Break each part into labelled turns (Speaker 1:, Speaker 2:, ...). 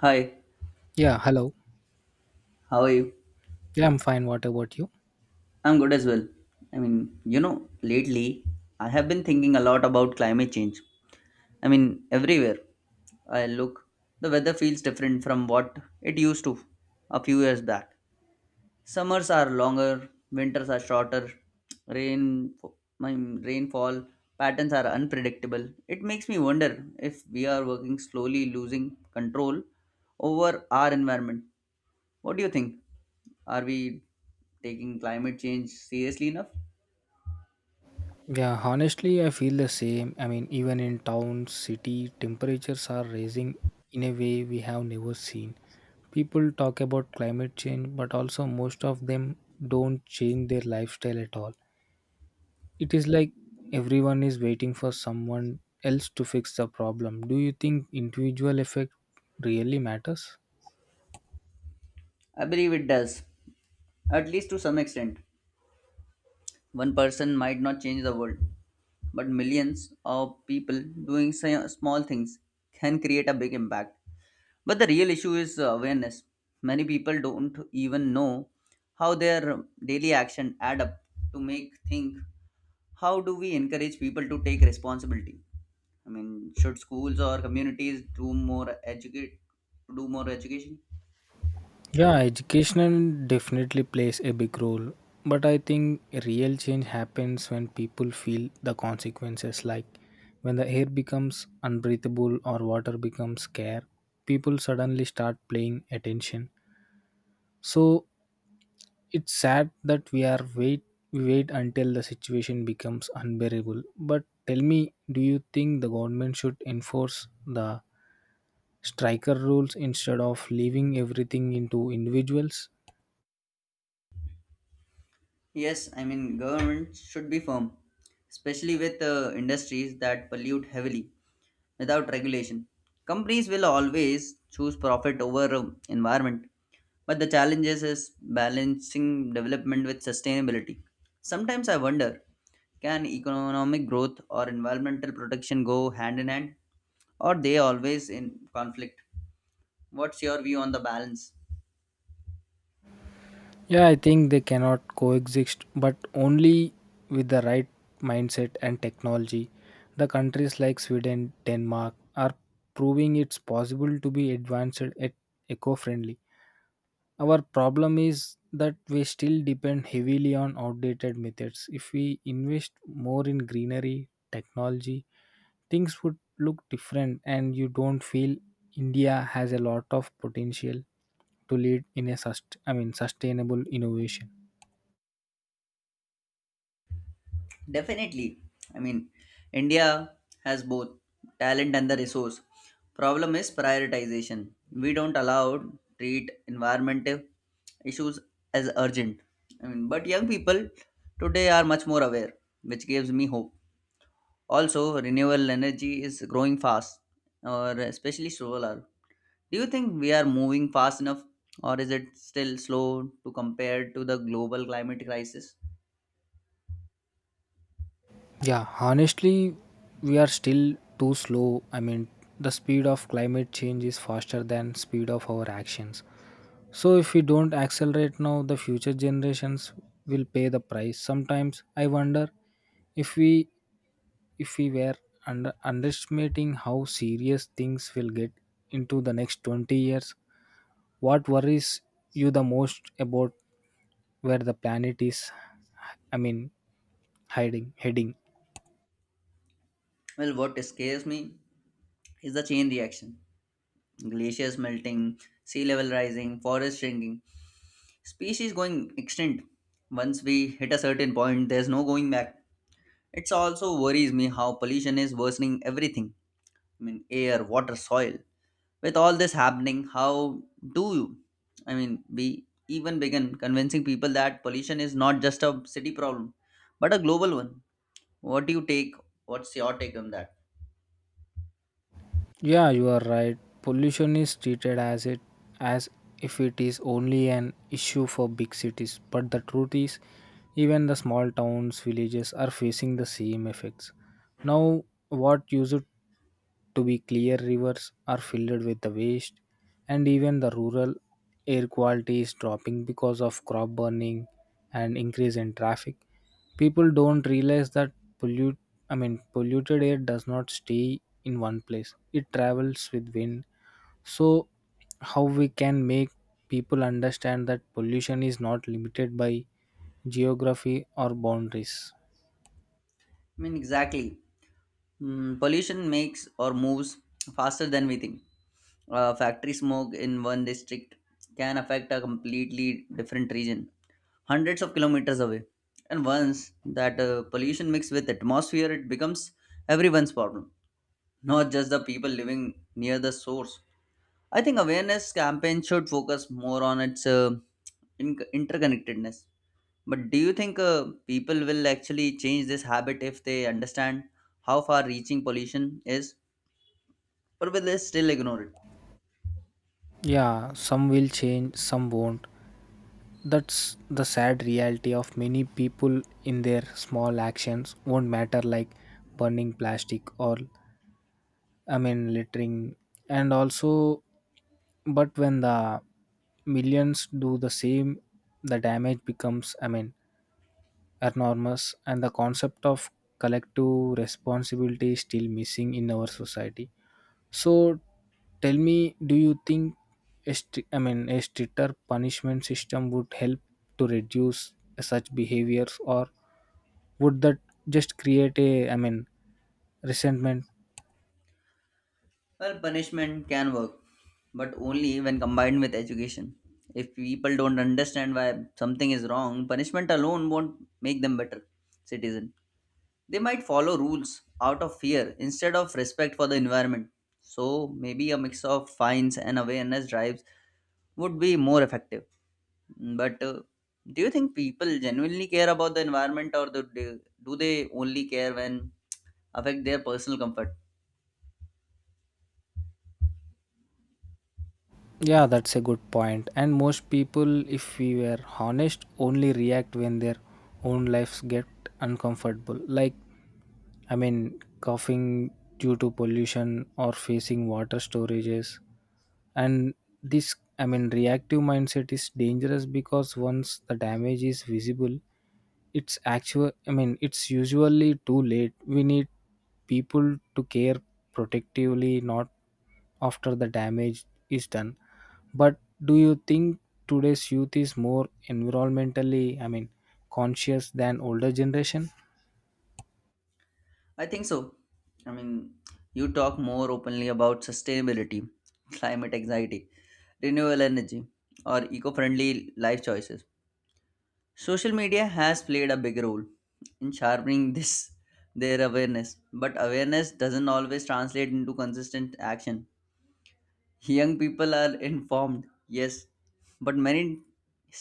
Speaker 1: Hi,
Speaker 2: Yeah, hello.
Speaker 1: how are you?
Speaker 2: Yeah, I'm fine. What about you?
Speaker 1: I'm good as well. Lately I have been thinking a lot about climate change. Everywhere I look, the weather feels different from what it used to a few years back. Summers are longer, winters are shorter, rain, rainfall patterns are unpredictable. It makes me wonder if we are working slowly losing control over our environment. What do you think? Are we taking climate change seriously enough?
Speaker 2: Yeah, honestly, I feel the same. I mean, even in town, city, temperatures are rising in a way we have never seen. People talk about climate change, but also most of them don't change their lifestyle at all. It is like everyone is waiting for someone else to fix the problem. Do you think individual effect really matters?
Speaker 1: I believe it does, at least to some extent. One person might not change the world, but millions of people doing small things can create a big impact. But the real issue is awareness. Many people don't even know how their daily action add up to make think how do we encourage people to take responsibility? I mean, should schools or communities do more education?
Speaker 2: Yeah, education definitely plays a big role, but I think real change happens when people feel the consequences, like when the air becomes unbreathable or water becomes scarce, people suddenly start paying attention. So it's sad that we wait until the situation becomes unbearable. But tell me, do you think the government should enforce the striker rules instead of leaving everything into individuals?
Speaker 1: Yes, I mean, government should be firm, especially with industries that pollute heavily without regulation. Companies will always choose profit over environment, but the challenges is balancing development with sustainability. Sometimes I wonder, can economic growth or environmental protection go hand in hand, or they always in conflict? What's your view on the balance?
Speaker 2: Yeah, I think they cannot coexist, but only with the right mindset and technology. The countries like Sweden, Denmark are proving it's possible to be advanced at eco-friendly. Our problem is that we still depend heavily on outdated methods. If we invest more in greenery technology, things would look different and you don't feel India has a lot of potential to lead in a sustainable innovation.
Speaker 1: Definitely. I mean, India has both talent and the resource. Problem is prioritization. We don't allow treat environmental issues as urgent. I mean, but young people today are much more aware, which gives me hope. Also, renewable energy is growing fast, or especially solar. Do you think we are moving fast enough, or is it still slow to compare to the global climate crisis?
Speaker 2: Yeah, honestly, we are still too slow. I mean, the speed of climate change is faster than speed of our actions. So if we don't accelerate now, the future generations will pay the price. Sometimes I wonder if we if we were underestimating how serious things will get into the next 20 years. What worries you the most about where the planet is I mean hiding heading?
Speaker 1: Well, what scares me is the chain reaction. Glaciers melting, sea level rising, forest shrinking, species going extinct. Once we hit a certain point, there's no going back. It also worries me how pollution is worsening everything. I mean, air, water, soil. With all this happening, how do you? I mean, we even begin convincing people that pollution is not just a city problem, but a global one. What do you take? What's your take on that?
Speaker 2: Yeah, you are right. Pollution is treated as if it is only an issue for big cities, but the truth is even the small towns, villages are facing the same effects. Now what used to be clear rivers are filled with the waste, and even the rural air quality is dropping because of crop burning and increase in traffic. People don't realize that pollute polluted air does not stay in one place, it travels with wind. So how we can make people understand that pollution is not limited by geography or boundaries?
Speaker 1: I mean, exactly. Mm, pollution makes or moves faster than we think. Factory smoke in one district can affect a completely different region, hundreds of kilometers away. And once that pollution mixes with atmosphere, it becomes everyone's problem, not just the people living near the source. I think awareness campaign should focus more on its interconnectedness. But do you think people will actually change this habit if they understand how far reaching pollution is? But will they still ignore it?
Speaker 2: Yeah, some will change, some won't. That's the sad reality of many people in their small actions won't matter, like burning plastic or, I mean, littering. And also, but when the millions do the same, the damage becomes, I mean, enormous, and the concept of collective responsibility is still missing in our society. So tell me, do you think a a stricter punishment system would help to reduce such behaviors, or would that just create a, I mean, resentment?
Speaker 1: Well, punishment can work, but only when combined with education. If people don't understand why something is wrong, punishment alone won't make them better citizen. They might follow rules out of fear instead of respect for the environment. So maybe a mix of fines and awareness drives would be more effective. But do you think people genuinely care about the environment, or do they only care when affect their personal comfort?
Speaker 2: Yeah, that's a good point. And most people, if we were honest, only react when their own lives get uncomfortable. Like, I mean, coughing due to pollution or facing water storages. And this I mean reactive mindset is dangerous because once the damage is visible, it's actual I mean it's usually too late. We need people to care protectively, not after the damage is done. But do you think today's youth is more environmentally, I mean, conscious than older generation?
Speaker 1: I think so. I mean, you talk more openly about sustainability, climate anxiety, renewable energy, or eco friendly life choices. Social media has played a big role in sharpening this their awareness. But awareness doesn't always translate into consistent action. Young people are informed, yes, but many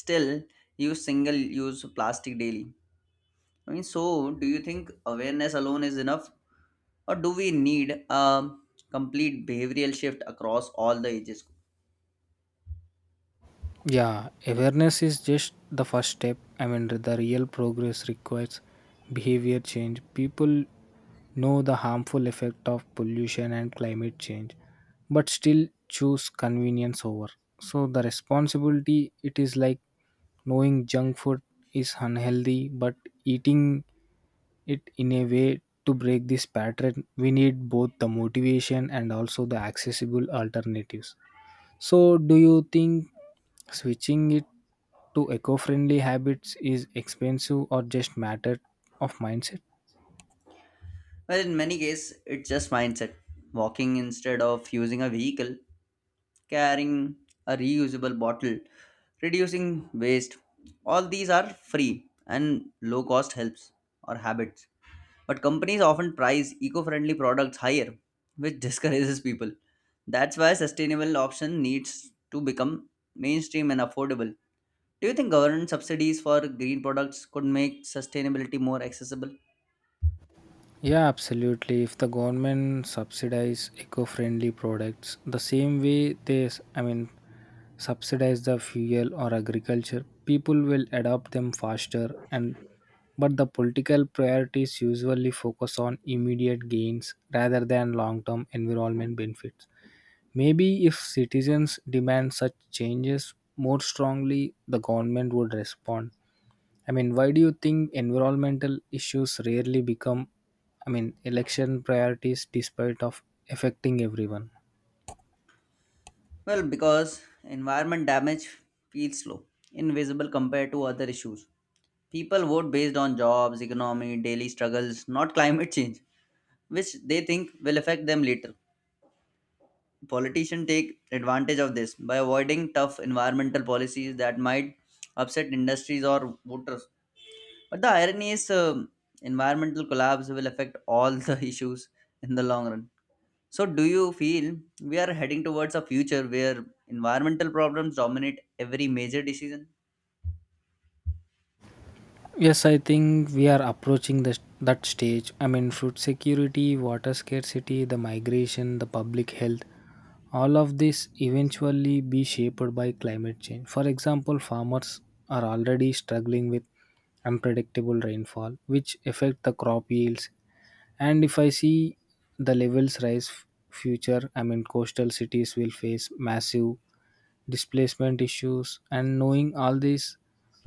Speaker 1: still use single use plastic daily. So do you think awareness alone is enough, or do we need a complete behavioral shift across all the ages?
Speaker 2: Yeah, awareness is just the first step. I mean, the real progress requires behavior change. People know the harmful effect of pollution and climate change, but still choose convenience over. So, the responsibility it is like knowing junk food is unhealthy, but eating it in a way to break this pattern, we need both the motivation and also the accessible alternatives. So, do you think switching it to eco-friendly habits is expensive or just matter of mindset?
Speaker 1: Well, in many cases, it's just mindset. Walking instead of using a vehicle, carrying a reusable bottle, reducing waste. All these are free and low cost helps or habits. But companies often price eco friendly products higher, which discourages people. That's why sustainable option needs to become mainstream and affordable. Do you think government subsidies for green products could make sustainability more accessible?
Speaker 2: Yeah, absolutely. If the government subsidize eco-friendly products the same way they, s- I mean, subsidize the fuel or agriculture, people will adopt them faster. And but the political priorities usually focus on immediate gains rather than long-term environment benefits. Maybe if citizens demand such changes more strongly, the government would respond. I mean, why do you think environmental issues rarely become, I mean, election priorities despite of affecting everyone?
Speaker 1: Well, because environment damage feels slow, invisible compared to other issues. People vote based on jobs, economy, daily struggles, not climate change, which they think will affect them later. Politicians take advantage of this by avoiding tough environmental policies that might upset industries or voters. But the irony is, environmental collapse will affect all the issues in the long run. So, do you feel we are heading towards a future where environmental problems dominate every major decision?
Speaker 2: Yes, I think we are approaching that stage. I mean, food security, water scarcity, the migration, the public health, all of this eventually be shaped by climate change. For example, farmers are already struggling with unpredictable rainfall, which affect the crop yields. And if I see the levels rise f- future I mean coastal cities will face massive displacement issues. And knowing all this,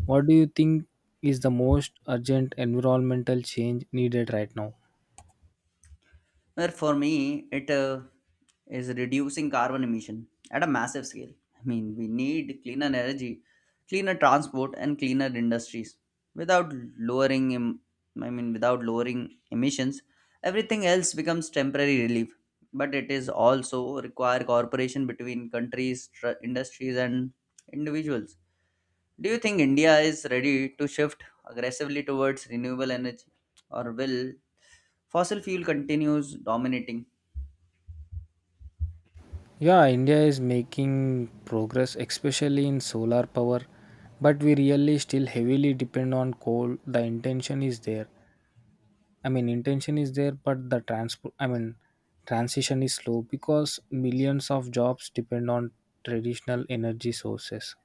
Speaker 2: what do you think is the most urgent environmental change needed right now?
Speaker 1: Where for me, it is reducing carbon emission at a massive scale. I mean, we need cleaner energy, cleaner transport, and cleaner industries. Without lowering, em- I mean, Without lowering emissions, everything else becomes temporary relief. But it is also require cooperation between countries, industries, and individuals. Do you think India is ready to shift aggressively towards renewable energy, or will fossil fuel continues dominating?
Speaker 2: Yeah, India is making progress, especially in solar power, but we really still heavily depend on coal. The intention is there. I mean, intention is there, but the transport, I mean, transition is slow because millions of jobs depend on traditional energy sources.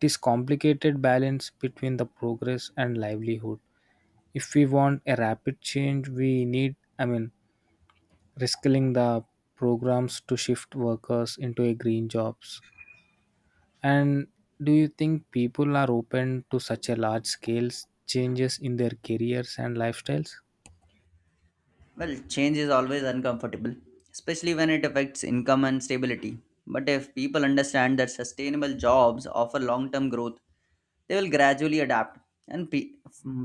Speaker 2: It is complicated balance between the progress and livelihood. If we want a rapid change, we need, I mean, reskilling the programs to shift workers into a green jobs. And do you think people are open to such a large scale changes in their careers and lifestyles?
Speaker 1: Well, change is always uncomfortable, especially when it affects income and stability. But if people understand that sustainable jobs offer long-term growth, they will gradually adapt. And pe-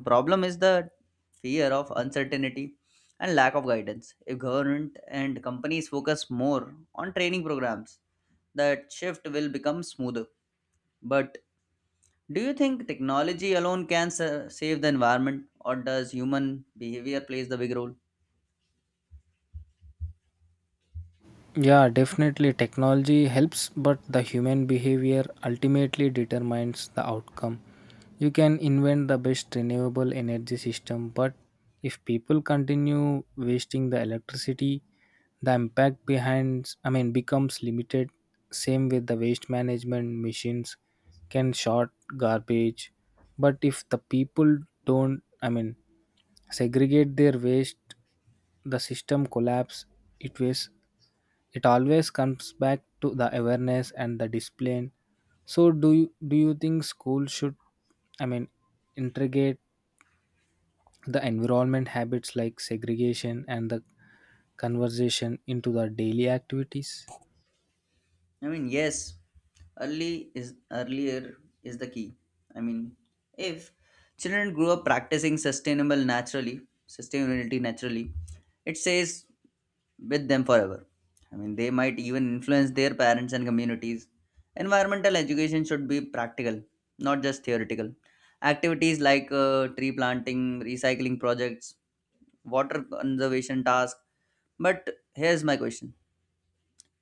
Speaker 1: Problem is the fear of uncertainty and lack of guidance. If government and companies focus more on training programs, that shift will become smoother. But do you think technology alone can save the environment, or does human behavior plays the big role?
Speaker 2: Yeah, definitely technology helps, but the human behavior ultimately determines the outcome. You can invent the best renewable energy system, but if people continue wasting the electricity, the impact behind, I mean, becomes limited. Same with the waste management, machines can sort garbage, but if the people don't, I mean, segregate their waste, the system collapse. It wastes it always comes back to the awareness and the discipline. So do you think school should, I mean, integrate the environment habits like segregation and the conversation into the daily activities?
Speaker 1: I mean, yes, early is earlier is the key. I mean, if children grow up sustainability naturally, it says with them forever. I mean, they might even influence their parents and communities. Environmental education should be practical, not just theoretical. Activities like tree planting, recycling projects, water conservation tasks. But here's my question.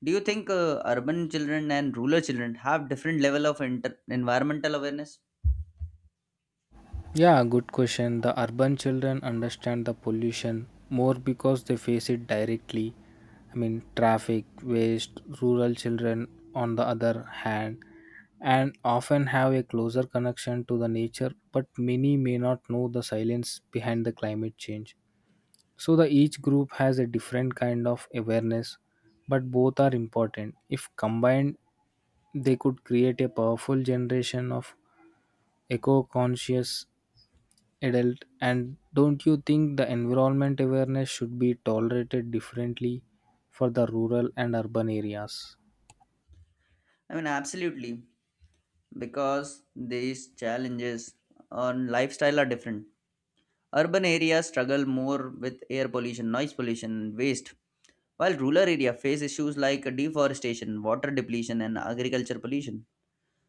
Speaker 1: Do you think urban children and rural children have different level of environmental awareness?
Speaker 2: Yeah, good question. The urban children understand the pollution more because they face it directly. I mean, traffic, waste, rural children, on the other hand, and often have a closer connection to the nature, but many may not know the silence behind the climate change. So, the each group has a different kind of awareness, but both are important. If combined, they could create a powerful generation of eco conscious adult. And don't you think the environment awareness should be tolerated differently for the rural and urban areas?
Speaker 1: I mean, absolutely, because these challenges on lifestyle are different. Urban areas struggle more with air pollution, noise pollution, and waste, while rural areas face issues like deforestation, water depletion, and agriculture pollution.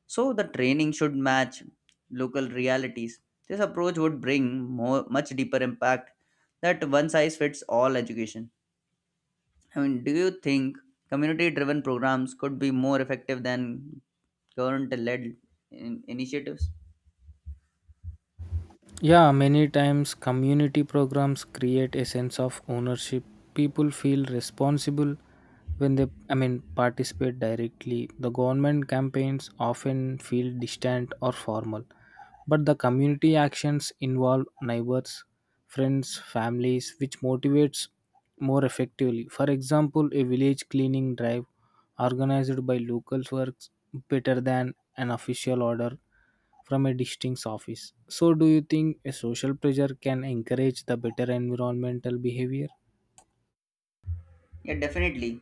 Speaker 1: So the training should match local realities. This approach would bring much deeper impact that one size fits all education. I mean, do you think community driven programs could be more effective than government led initiatives?
Speaker 2: Yeah, many times community programs create a sense of ownership. People feel responsible when they, I mean, participate directly. The government campaigns often feel distant or formal, but the community actions involve neighbors, friends, families, which motivates more effectively. For example, a village cleaning drive organized by locals works better than an official order from a district's office. So, do you think a social pressure can encourage the better environmental behavior?
Speaker 1: Yeah, definitely.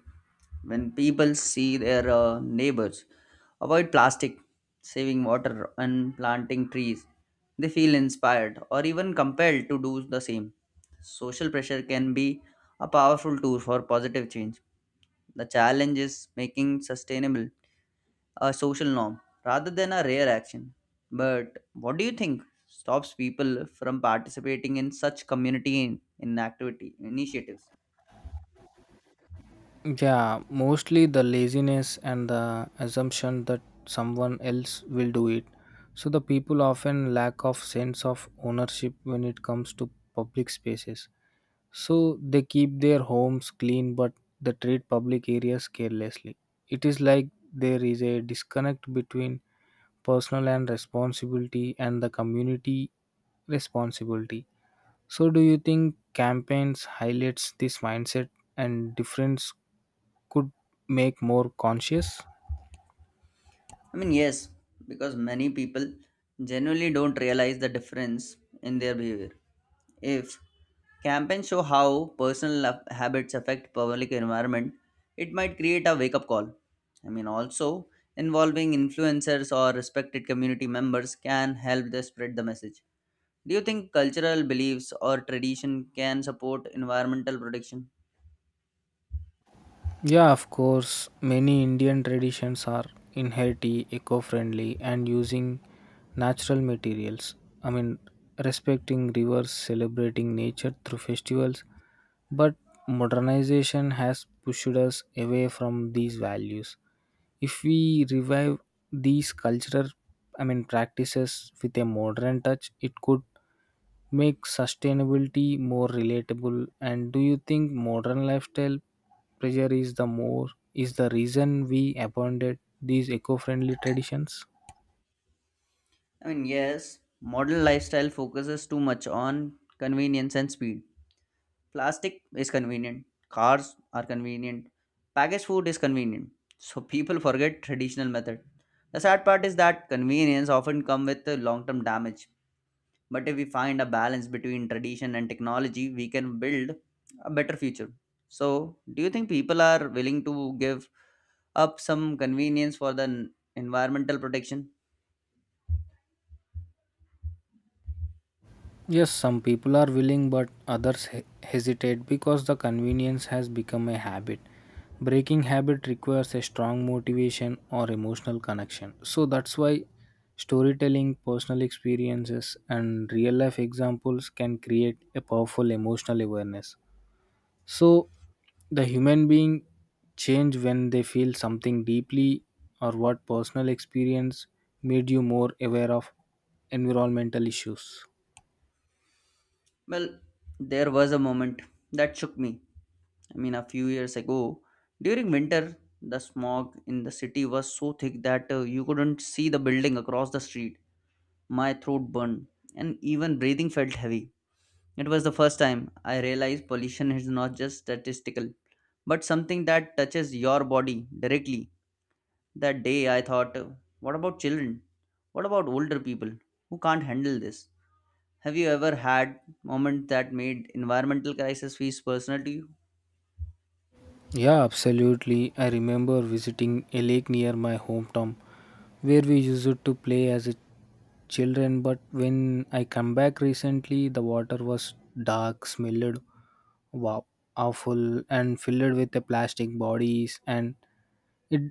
Speaker 1: When people see their neighbors avoid plastic, saving water, and planting trees, they feel inspired or even compelled to do the same. Social pressure can be a powerful tool for positive change. The challenge is making sustainable a social norm rather than a rare action. But what do you think stops people from participating in such community in activity initiatives?
Speaker 2: Yeah, mostly the laziness and the assumption that someone else will do it. So the people often lack of sense of ownership when it comes to public spaces. So they keep their homes clean but they treat public areas carelessly. It is like there is a disconnect between personal and responsibility and the community responsibility. So do you think campaigns highlights this mindset and difference could make more conscious?
Speaker 1: I mean, yes, because many people genuinely don't realize the difference in their behavior. If campaigns show how personal habits affect public environment, it might create a wake up call. I mean, also involving influencers or respected community members can help to spread the message. Do you think cultural beliefs or tradition can support environmental protection?
Speaker 2: Yeah, of course, many Indian traditions are inherently eco-friendly, and using natural materials, I mean, respecting rivers, celebrating nature through festivals, but modernization has pushed us away from these values. If we revive these cultural, I mean, practices with a modern touch, it could make sustainability more relatable. And do you think modern lifestyle pressure is the reason we abandoned these eco-friendly traditions?
Speaker 1: I mean, yes, modern lifestyle focuses too much on convenience and speed. Plastic is convenient, cars are convenient, packaged food is convenient. So people forget traditional method. The sad part is that convenience often come with the long-term damage. But if we find a balance between tradition and technology, we can build a better future. So, do you think people are willing to give up some convenience for the environmental protection?
Speaker 2: Yes, some people are willing, but others hesitate because the convenience has become a habit. Breaking habit requires a strong motivation or emotional connection. So that's why storytelling, personal experiences, and real life examples can create a powerful emotional awareness. So the human being change when they feel something deeply, or what personal experience made you more aware of environmental issues.
Speaker 1: Well, there was a moment that shook me. I mean, a few years ago, during winter, the smog in the city was so thick that you couldn't see the building across the street. My throat burned, and even breathing felt heavy. It was the first time I realized pollution is not just statistical, but something that touches your body directly. That day, I thought, what about children? What about older people who can't handle this? Have you ever had moment that made environmental crisis feels personal to you?
Speaker 2: Yeah, absolutely. I remember visiting a lake near my hometown where we used to play as a children, but when I come back recently, the water was dark, smelled wow, awful and filled with the plastic bodies. And it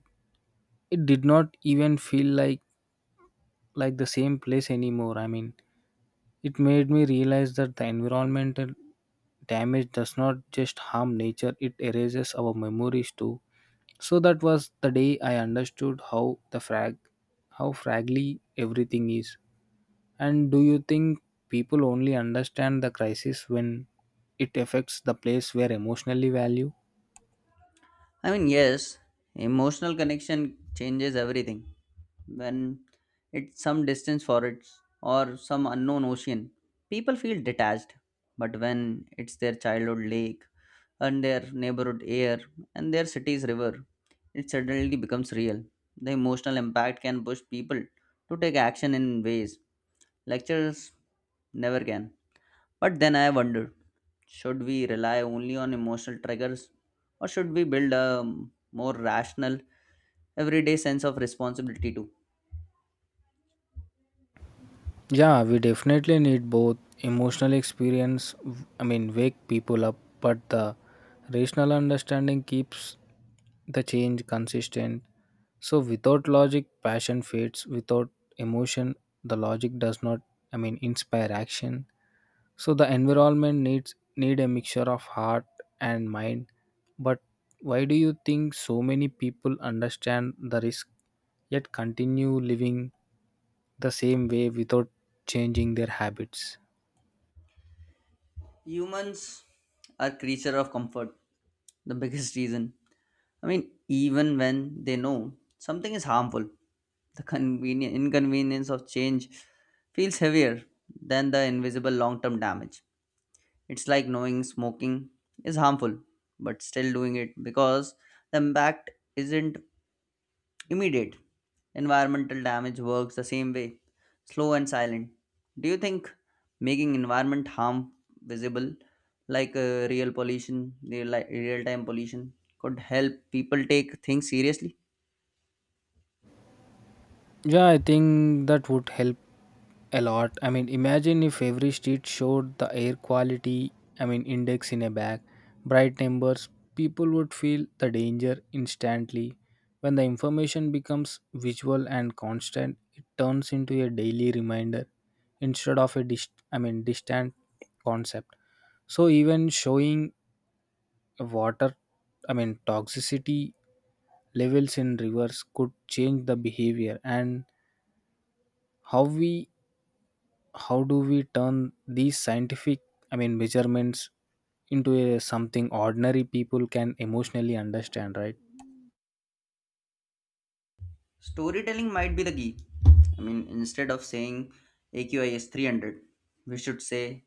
Speaker 2: it did not even feel like the same place anymore. I mean, it made me realize that the environmental damage does not just harm nature, it erases our memories too. So that was the day I understood how fragile everything is. And do you think people only understand the crisis when it affects the place where emotionally value?
Speaker 1: I mean, yes, emotional connection changes everything. When it's some distance for it or some unknown ocean, people feel detached. But when it's their childhood lake and their neighborhood air and their city's river, it suddenly becomes real. The emotional impact can push people to take action in ways lectures never can. But then I wondered, should we rely only on emotional triggers or should we build a more rational, everyday sense of responsibility too?
Speaker 2: Yeah, we definitely need both emotional experience, wake people up, but the rational understanding keeps the change consistent. So, without logic, passion fades. Without emotion, the logic does not, I mean, inspire action. So, the environment need a mixture of heart and mind. But why do you think so many people understand the risk yet continue living the same way without changing their habits.
Speaker 1: Humans are creature of comfort, the biggest reason. I mean, even when they know something is harmful, the convenient inconvenience of change feels heavier than the invisible long-term damage. It's like knowing smoking is harmful, but still doing it because the impact isn't immediate. Environmental damage works the same way, slow and silent. Do you think making environment harm visible, like real pollution, real time pollution, could help people take things seriously?
Speaker 2: Yeah, I think that would help a lot. I mean, imagine if every street showed the air quality, I mean, index in a bag, bright numbers, people would feel the danger instantly. When the information becomes visual and constant, it turns into a daily reminder instead of a distant concept. So even showing water, I mean, toxicity levels in rivers could change the behavior. And how we how do we turn these scientific, I mean, measurements into a, something ordinary people can emotionally understand, right?
Speaker 1: Storytelling might be the key. I mean, instead of saying AQI is 300, we should say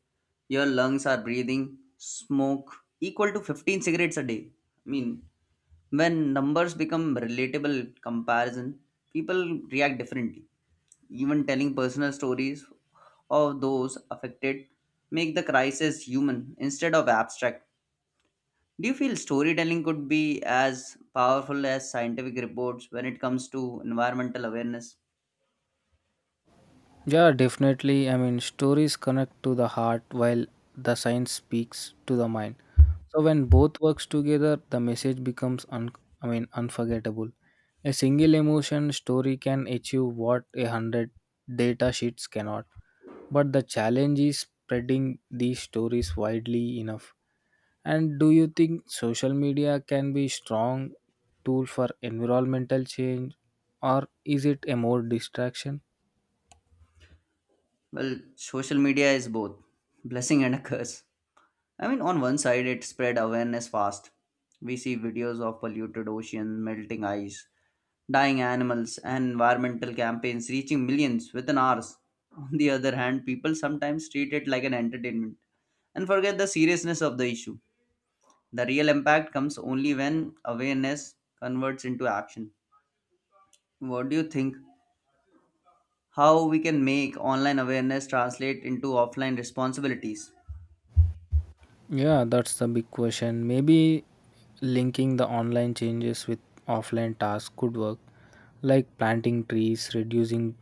Speaker 1: your lungs are breathing smoke equal to 15 cigarettes a day. I mean, When numbers become relatable comparison, people react differently. Even telling personal stories of those affected make the crisis human instead of abstract. Do you feel storytelling could be as powerful as scientific reports when it comes to environmental awareness?
Speaker 2: Yeah, definitely. I mean, stories connect to the heart while the science speaks to the mind. So when both works together, the message becomes unforgettable. A single emotion story can achieve what a hundred data sheets cannot. But the challenge is spreading these stories widely enough. And do you think social media can be strong tool for environmental change or is it a more distraction?
Speaker 1: Well, social media is both blessing and a curse. I mean, on one side, it spread awareness fast. We see videos of polluted oceans, melting ice, dying animals, and environmental campaigns reaching millions within hours. On the other hand, people sometimes treat it like an entertainment and forget the seriousness of the issue. The real impact comes only when awareness converts into action. What do you think? How we can make online awareness translate into offline responsibilities?
Speaker 2: Yeah, that's the big question. Maybe linking the online changes with offline tasks could work, like planting trees, reducing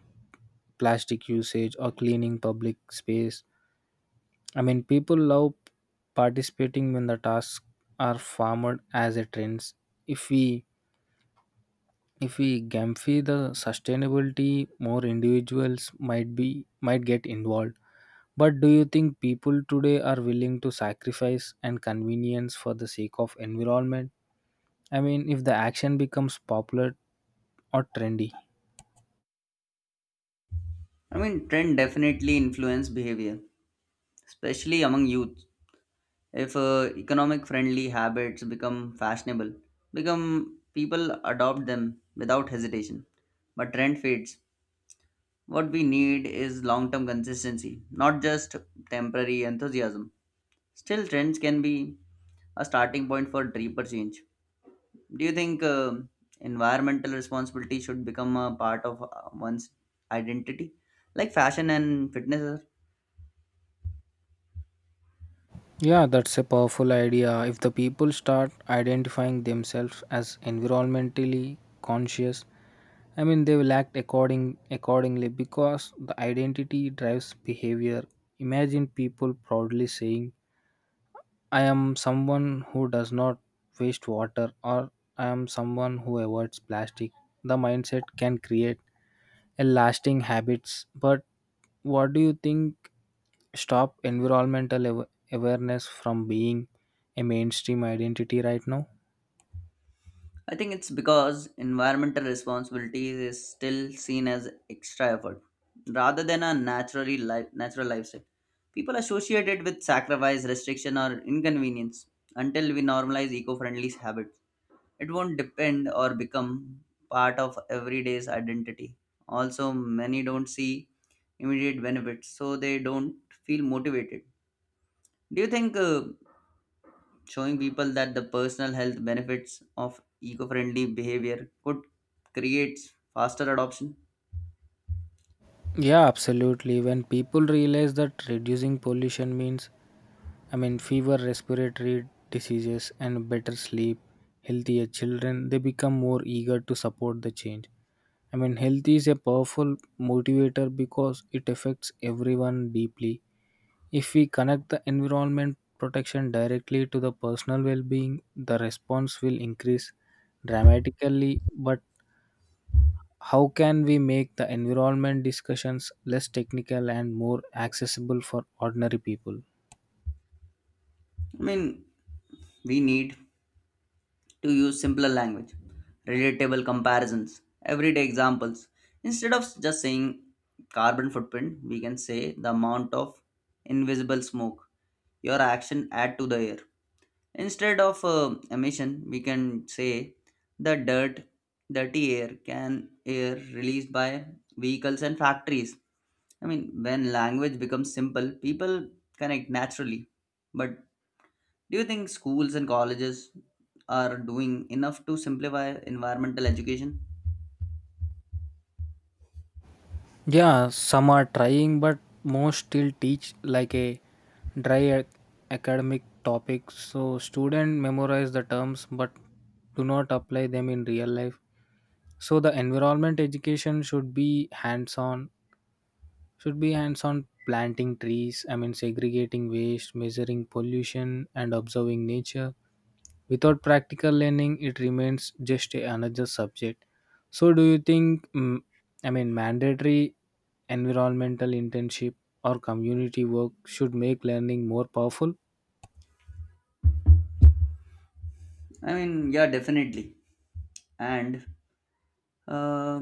Speaker 2: plastic usage, or cleaning public space. I mean, people love participating when the tasks are farmed as a trends. If we if we gamify the sustainability, more individuals might be might get involved. But do you think people today are willing to sacrifice and convenience for the sake of environment? I mean, if the action becomes popular or trendy.
Speaker 1: I mean, trend definitely influence behavior, especially among youth. If economic friendly habits become fashionable become people adopt them without hesitation, but trend fades. What we need is long term consistency, not just temporary enthusiasm. Still trends can be a starting point for deeper change. Do you think environmental responsibility should become a part of one's identity like fashion and fitness are?
Speaker 2: Yeah, that's a powerful idea. If the people start identifying themselves as environmentally conscious, I mean, they will act accordingly, because the identity drives behavior. Imagine people proudly saying, I am someone who does not waste water, or I am someone who avoids plastic. The mindset can create a lasting habits, but what do you think stop environmental awareness from being a mainstream identity right now?
Speaker 1: I think it's because environmental responsibility is still seen as extra effort rather than a natural lifestyle. People associate it with sacrifice, restriction, or inconvenience. Until we normalize eco-friendly habits, it won't depend or become part of everyday's identity. Also, many don't see immediate benefits, so they don't feel motivated. Do you think showing people that the personal health benefits of eco-friendly behavior could create faster adoption?
Speaker 2: Yeah, absolutely. When people realize that reducing pollution means, I mean, fewer respiratory diseases, and better sleep, healthier children, they become more eager to support the change. I mean, health is a powerful motivator because it affects everyone deeply. If we connect the environment protection directly to the personal well being, the response will increase dramatically. But how can we make the environment discussions less technical and more accessible for ordinary people?
Speaker 1: I mean, we need to use simpler language, relatable comparisons, everyday examples. Instead of just saying carbon footprint, we can say the amount of invisible smoke your action add to the air. Instead of emission, we can say the dirt, dirty air released by vehicles and factories. I mean, when language becomes simple, people connect naturally. But do you think schools and colleges are doing enough to simplify environmental education?
Speaker 2: Yeah, some are trying, but most still teach like a dry academic topic. So student memorize the terms, but do not apply them in real life. So the environment education should be hands on planting trees, I mean, segregating waste, measuring pollution, and observing nature. Without practical learning, it remains just another subject. So, do you think, mandatory environmental internship or community work should make learning more powerful?
Speaker 1: I mean, yeah, definitely. And um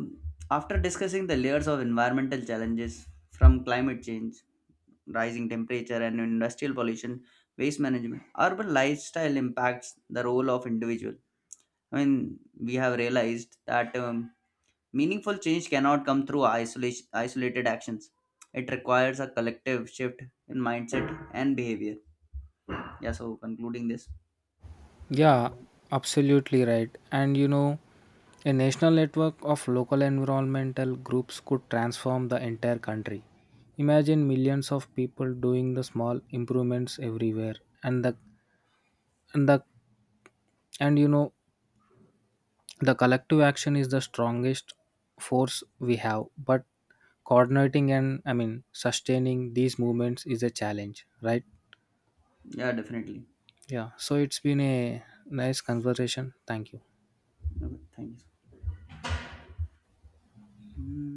Speaker 1: after discussing the layers of environmental challenges from climate change, rising temperature, and industrial pollution, waste management, urban lifestyle impacts the role of individual. I mean, we have realized that meaningful change cannot come through isolated actions. It requires a collective shift in mindset and behavior. Yeah, so concluding this.
Speaker 2: Yeah,
Speaker 1: uh,
Speaker 2: absolutely right. And you know, a national network of local environmental groups could transform the entire country. Imagine millions of people doing the small improvements everywhere, and the and the and you know the collective action is the strongest force we have. But coordinating and, I mean, sustaining these movements is a challenge, right?
Speaker 1: yeah, definitely.
Speaker 2: Yeah, so it's been a nice conversation, thank you.
Speaker 1: Okay, thank you. Hmm.